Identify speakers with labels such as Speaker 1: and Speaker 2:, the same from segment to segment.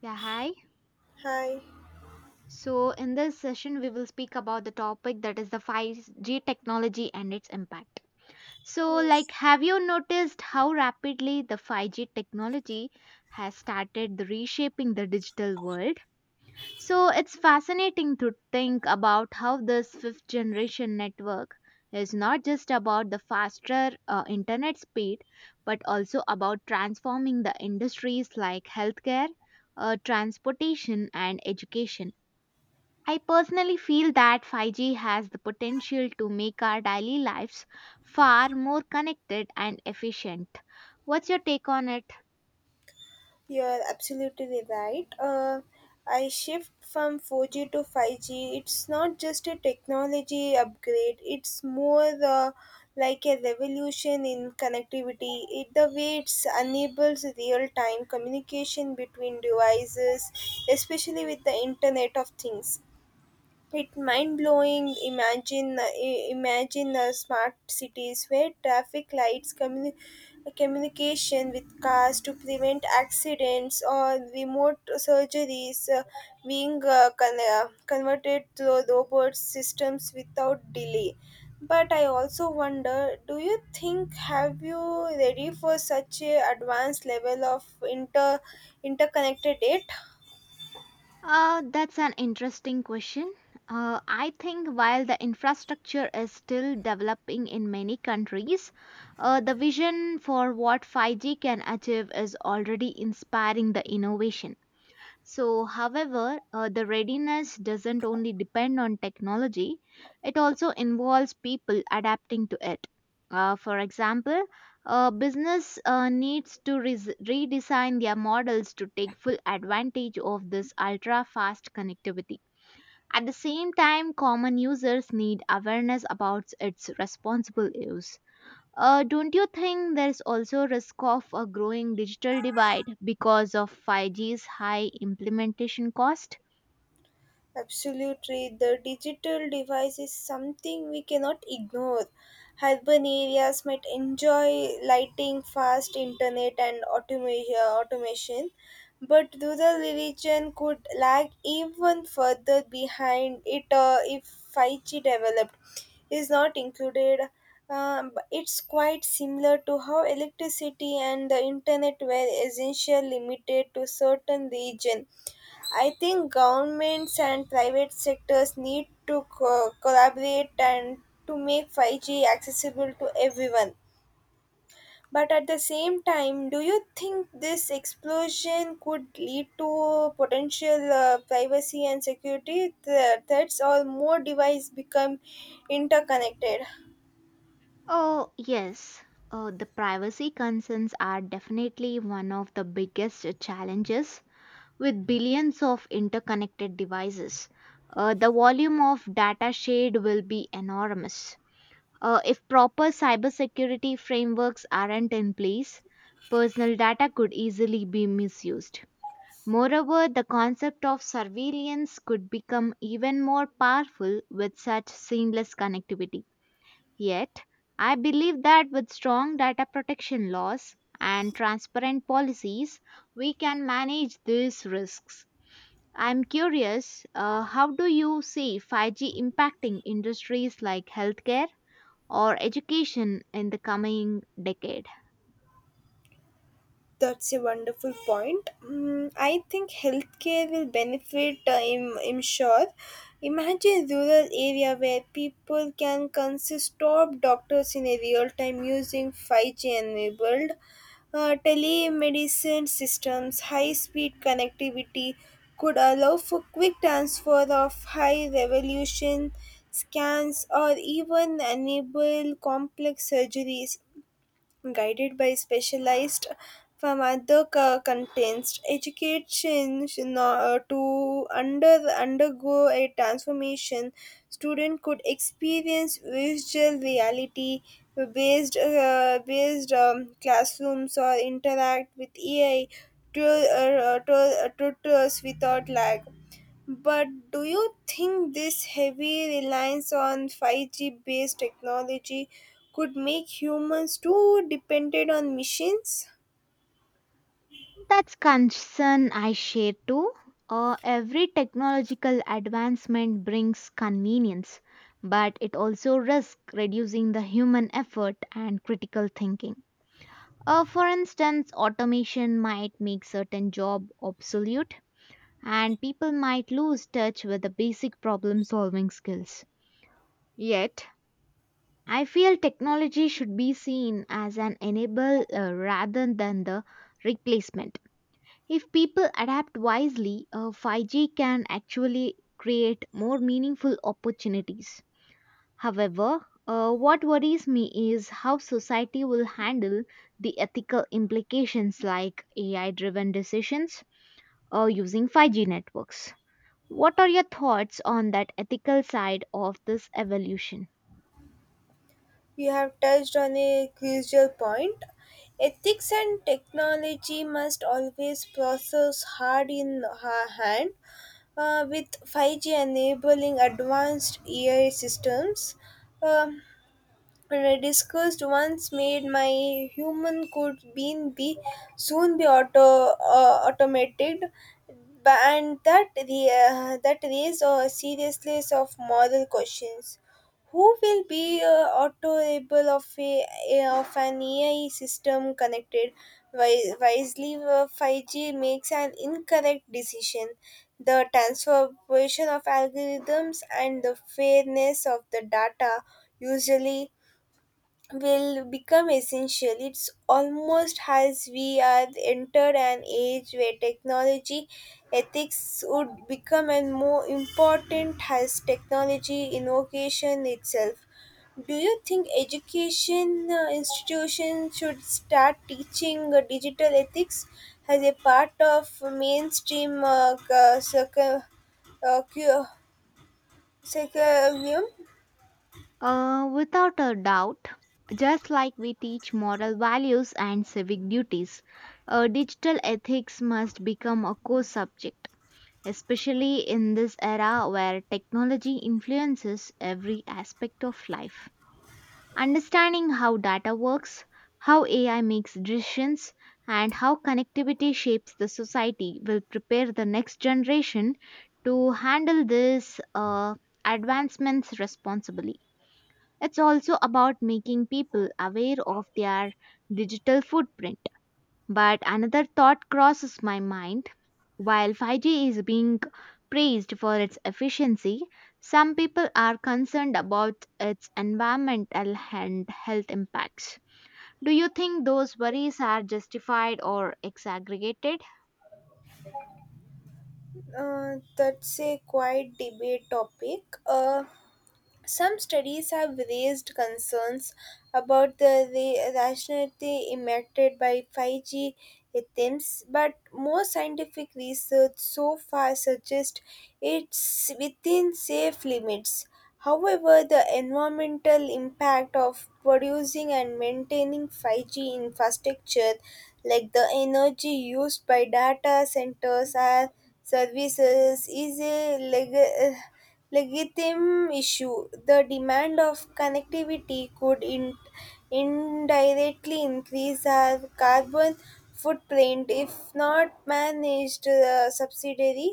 Speaker 1: Yeah, hi.
Speaker 2: Hi.
Speaker 1: So, in this session, we will speak about the topic that is the 5G technology and its impact. So, like,
Speaker 2: Yes,
Speaker 1: have you noticed how rapidly the 5G technology has started the reshaping the digital world? So, it's fascinating to think about how this fifth generation network is not just about the faster internet speed, but also about transforming the industries like healthcare, transportation, and education. I personally feel that 5G has the potential to make our daily lives far more connected and efficient. What's your take on it?
Speaker 2: you are absolutely right. I shift from 4G to 5G. It's not just a technology upgrade. It's more like a revolution in connectivity. It the way it enables real-time communication between devices, especially with the Internet of Things. It's mind blowing. Imagine smart cities where traffic lights, communication with cars to prevent accidents, or remote surgeries being converted to robot systems without delay. But I also wonder, do you think have you ready for such a advanced level of interconnected it?
Speaker 1: That's an interesting question. I think while the infrastructure is still developing in many countries, the vision for what 5G can achieve is already inspiring the innovation. So, however, the readiness doesn't only depend on technology, it also involves people adapting to it. For example, business needs to redesign their models to take full advantage of this ultra fast connectivity. At the same time, common users need awareness about its responsible use. Don't you think there's also risk of a growing digital divide because of 5G's high implementation cost?
Speaker 2: Absolutely, the digital device is something we cannot ignore. Urban areas might enjoy lighting, fast internet, and automation, but rural region could lag even further behind it, if 5G developed is not included. But it's quite similar to how electricity and the internet were essentially limited to certain region. I think governments and private sectors need to collaborate and to make 5G accessible to everyone. But at the same time, do you think this explosion could lead to potential privacy and security threats or more devices become interconnected?
Speaker 1: Oh, yes. The privacy concerns are definitely one of the biggest challenges with billions of interconnected devices. The volume of data shared will be enormous. If proper cybersecurity frameworks aren't in place, personal data could easily be misused. Moreover, the concept of surveillance could become even more powerful with such seamless connectivity. Yet, I believe that with strong data protection laws and transparent policies, we can manage these risks. I'm curious, how do you see 5G impacting industries like healthcare or education in the coming decade?
Speaker 2: That's a wonderful point. I think healthcare will benefit, I'm sure. Imagine rural area where people can consist top doctors in a real time using 5G enabled telemedicine systems, high speed connectivity could allow for quick transfer of high resolution scans or even enable complex surgeries guided by specialized pharmacocontents. Education to undergo a transformation, student could experience virtual reality based classrooms or interact with AI to, tutors without lag. But do you think this heavy reliance on 5G based technology could make humans too dependent on machines?
Speaker 1: That's concern I share too. Every technological advancement brings convenience, but it also risks reducing the human effort and critical thinking. For instance, automation might make certain job obsolete, and people might lose touch with the basic problem-solving skills. Yet, I feel technology should be seen as an enable rather than the replacement. If people adapt wisely, 5G can actually create more meaningful opportunities. However, what worries me is how society will handle the ethical implications like AI driven decisions or using 5G networks. What are your thoughts on that ethical side of this evolution?
Speaker 2: You have touched on a crucial point. Ethics and technology must always process hard in her hand, with 5G enabling advanced AI systems. Um, and I discussed once made my human could being be soon be automated, but, and that the that raised a serious list of moral questions. Who will be auto-able of a of an AI system connected wisely where 5G makes an incorrect decision. The transformation of algorithms and the fairness of the data usually will become essential. It's almost as we are entered an age where technology ethics would become and more important as technology innovation itself. Do you think education institutions should start teaching digital ethics as a part of mainstream uh, cu- curriculum?
Speaker 1: Without a doubt, just like we teach moral values and civic duties, digital ethics must become a core subject, especially in this era where technology influences every aspect of life. Understanding how data works, how AI makes decisions, and how connectivity shapes the society will prepare the next generation to handle these advancements responsibly. It's also about making people aware of their digital footprint. But another thought crosses my mind. While 5G is being praised for its efficiency, some people are concerned about its environmental and health impacts. Do you think those worries are justified or exaggerated?
Speaker 2: That's a quite debate topic. Some studies have raised concerns about the rationality emitted by 5G attempts, but most scientific research so far suggests it's within safe limits. However, the environmental impact of producing and maintaining 5G infrastructure, like the energy used by data centers or services, is a legitimate issue. The demand of connectivity could indirectly increase our carbon footprint if not managed. The subsidiary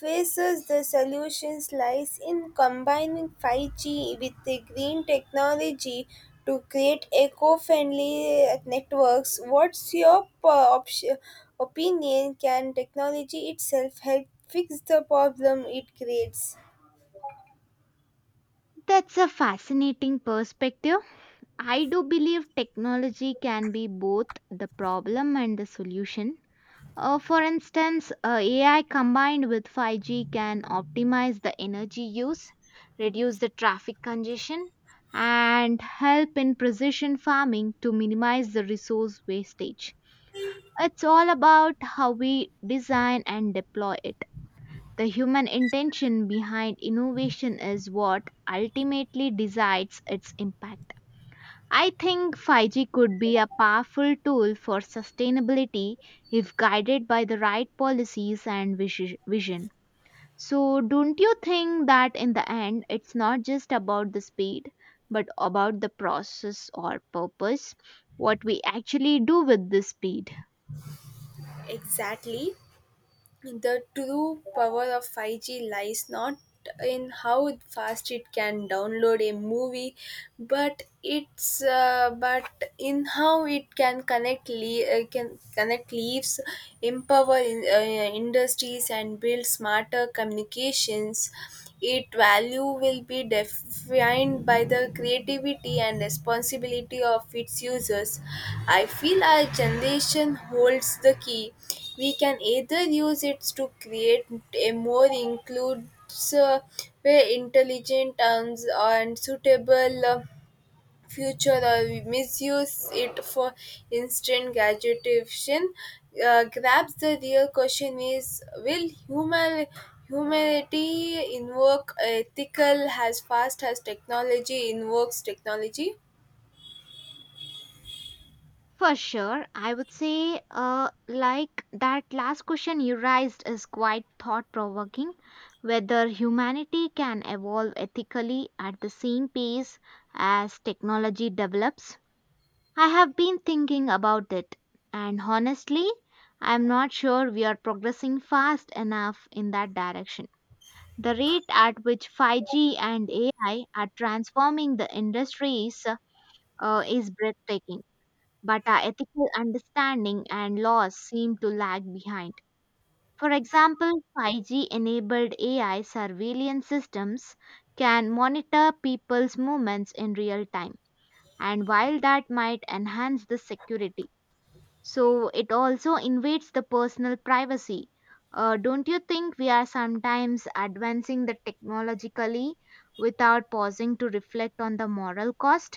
Speaker 2: faces the solutions lies in combining 5G with the green technology to create eco-friendly networks. What's your option? Opinion, can technology itself help fix the problem it creates?
Speaker 1: That's a fascinating perspective. I do believe technology can be both the problem and the solution. For instance, AI combined with 5G can optimize the energy use, reduce the traffic congestion, and help in precision farming to minimize the resource wastage. It's all about how we design and deploy it. The human intention behind innovation is what ultimately decides its impact. I think 5G could be a powerful tool for sustainability if guided by the right policies and vision. So, don't you think that in the end it's not just about the speed but about the process or purpose, what we actually do with this speed?
Speaker 2: Exactly. The true power of 5G lies not in how fast it can download a movie, but it's but in how it can can connect leaves, empower in, industries, and build smarter communications. Its value will be defined by the creativity and responsibility of its users. I feel our generation holds the key. We can either use it to create a more inclusive, uh, intelligent, and suitable future, misuse it for instant gratification. Grabs the real question is, will humanity invoke ethical as fast as technology invokes technology?
Speaker 1: For sure, I would say, like that last question you raised is quite thought provoking, whether humanity can evolve ethically at the same pace as technology develops. I have been thinking about it, and honestly, I'm not sure we are progressing fast enough in that direction. The rate at which 5G and AI are transforming the industries is breathtaking, but our ethical understanding and laws seem to lag behind. For example, 5G enabled AI surveillance systems can monitor people's movements in real time, and while that might enhance the security, so it also invades the personal privacy. Don't you think we are sometimes advancing the technologically without pausing to reflect on the moral cost?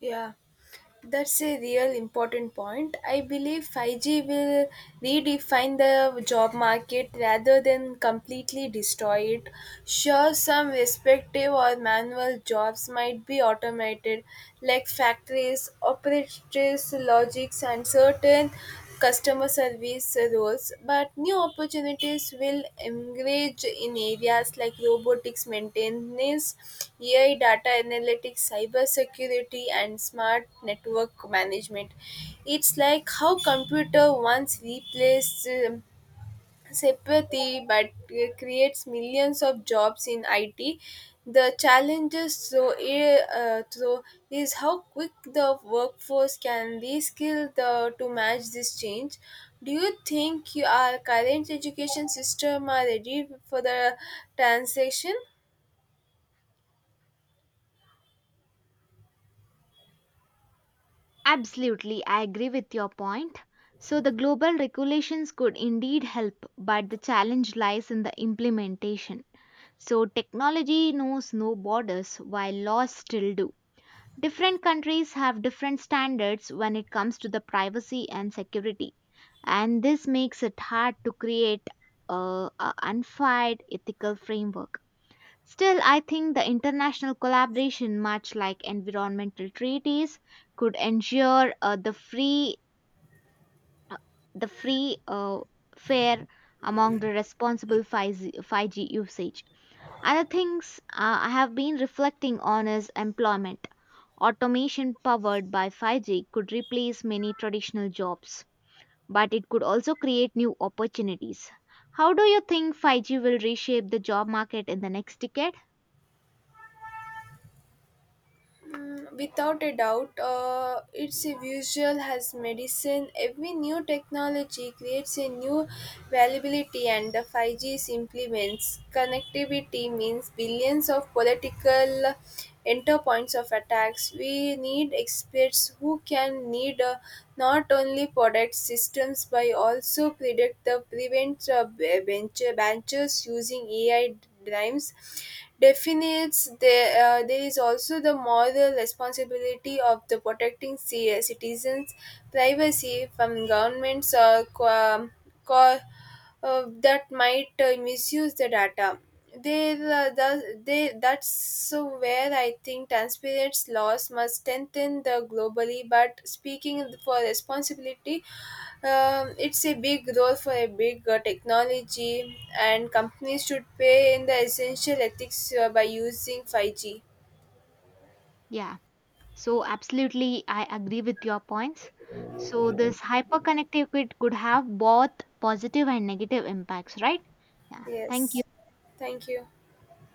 Speaker 2: Yeah. That's a real important point. I believe 5G will redefine the job market rather than completely destroy it. Sure, some respective or manual jobs might be automated, like factories, operators, logics, and certain customer service roles, but new opportunities will emerge in areas like robotics maintenance, AI data analytics, cybersecurity, and smart network management. It's like how computer once replaced sympathy, but creates millions of jobs in IT. The challenges so is how quick the workforce can reskill the, to match this change. Do you think you, our current education system are ready for the transition?
Speaker 1: Absolutely, I agree with your point. So, the global regulations could indeed help, but the challenge lies in the implementation. So, technology knows no borders while laws still do. Different countries have different standards when it comes to the privacy and security, and this makes it hard to create a unified ethical framework. Still, I think the international collaboration, much like environmental treaties, could ensure the uh, free, fair among the responsible 5G usage. Other things I have been reflecting on is employment. Automation powered by 5G could replace many traditional jobs, but it could also create new opportunities. How do you think 5G will reshape the job market in the next decade?
Speaker 2: Without a doubt, its a visual as medicine. Every new technology creates a new availability, and the 5G implements connectivity means billions of political enter points of attacks. We need experts who can need not only product systems but also predict the prevent benches using AI drives. Definites there, there is also the moral responsibility of the protecting citizens' privacy from governments or co- that might misuse the data. That's where I think transparency laws must strengthen the globally. But speaking for responsibility, it's a big role for a big technology, and companies should pay in the essential ethics by using 5G.
Speaker 1: Yeah. So, absolutely, I agree with your points. So, this hyperconnective kit could have both positive and negative impacts, right? Yeah, thank you.
Speaker 2: Yes, thank you.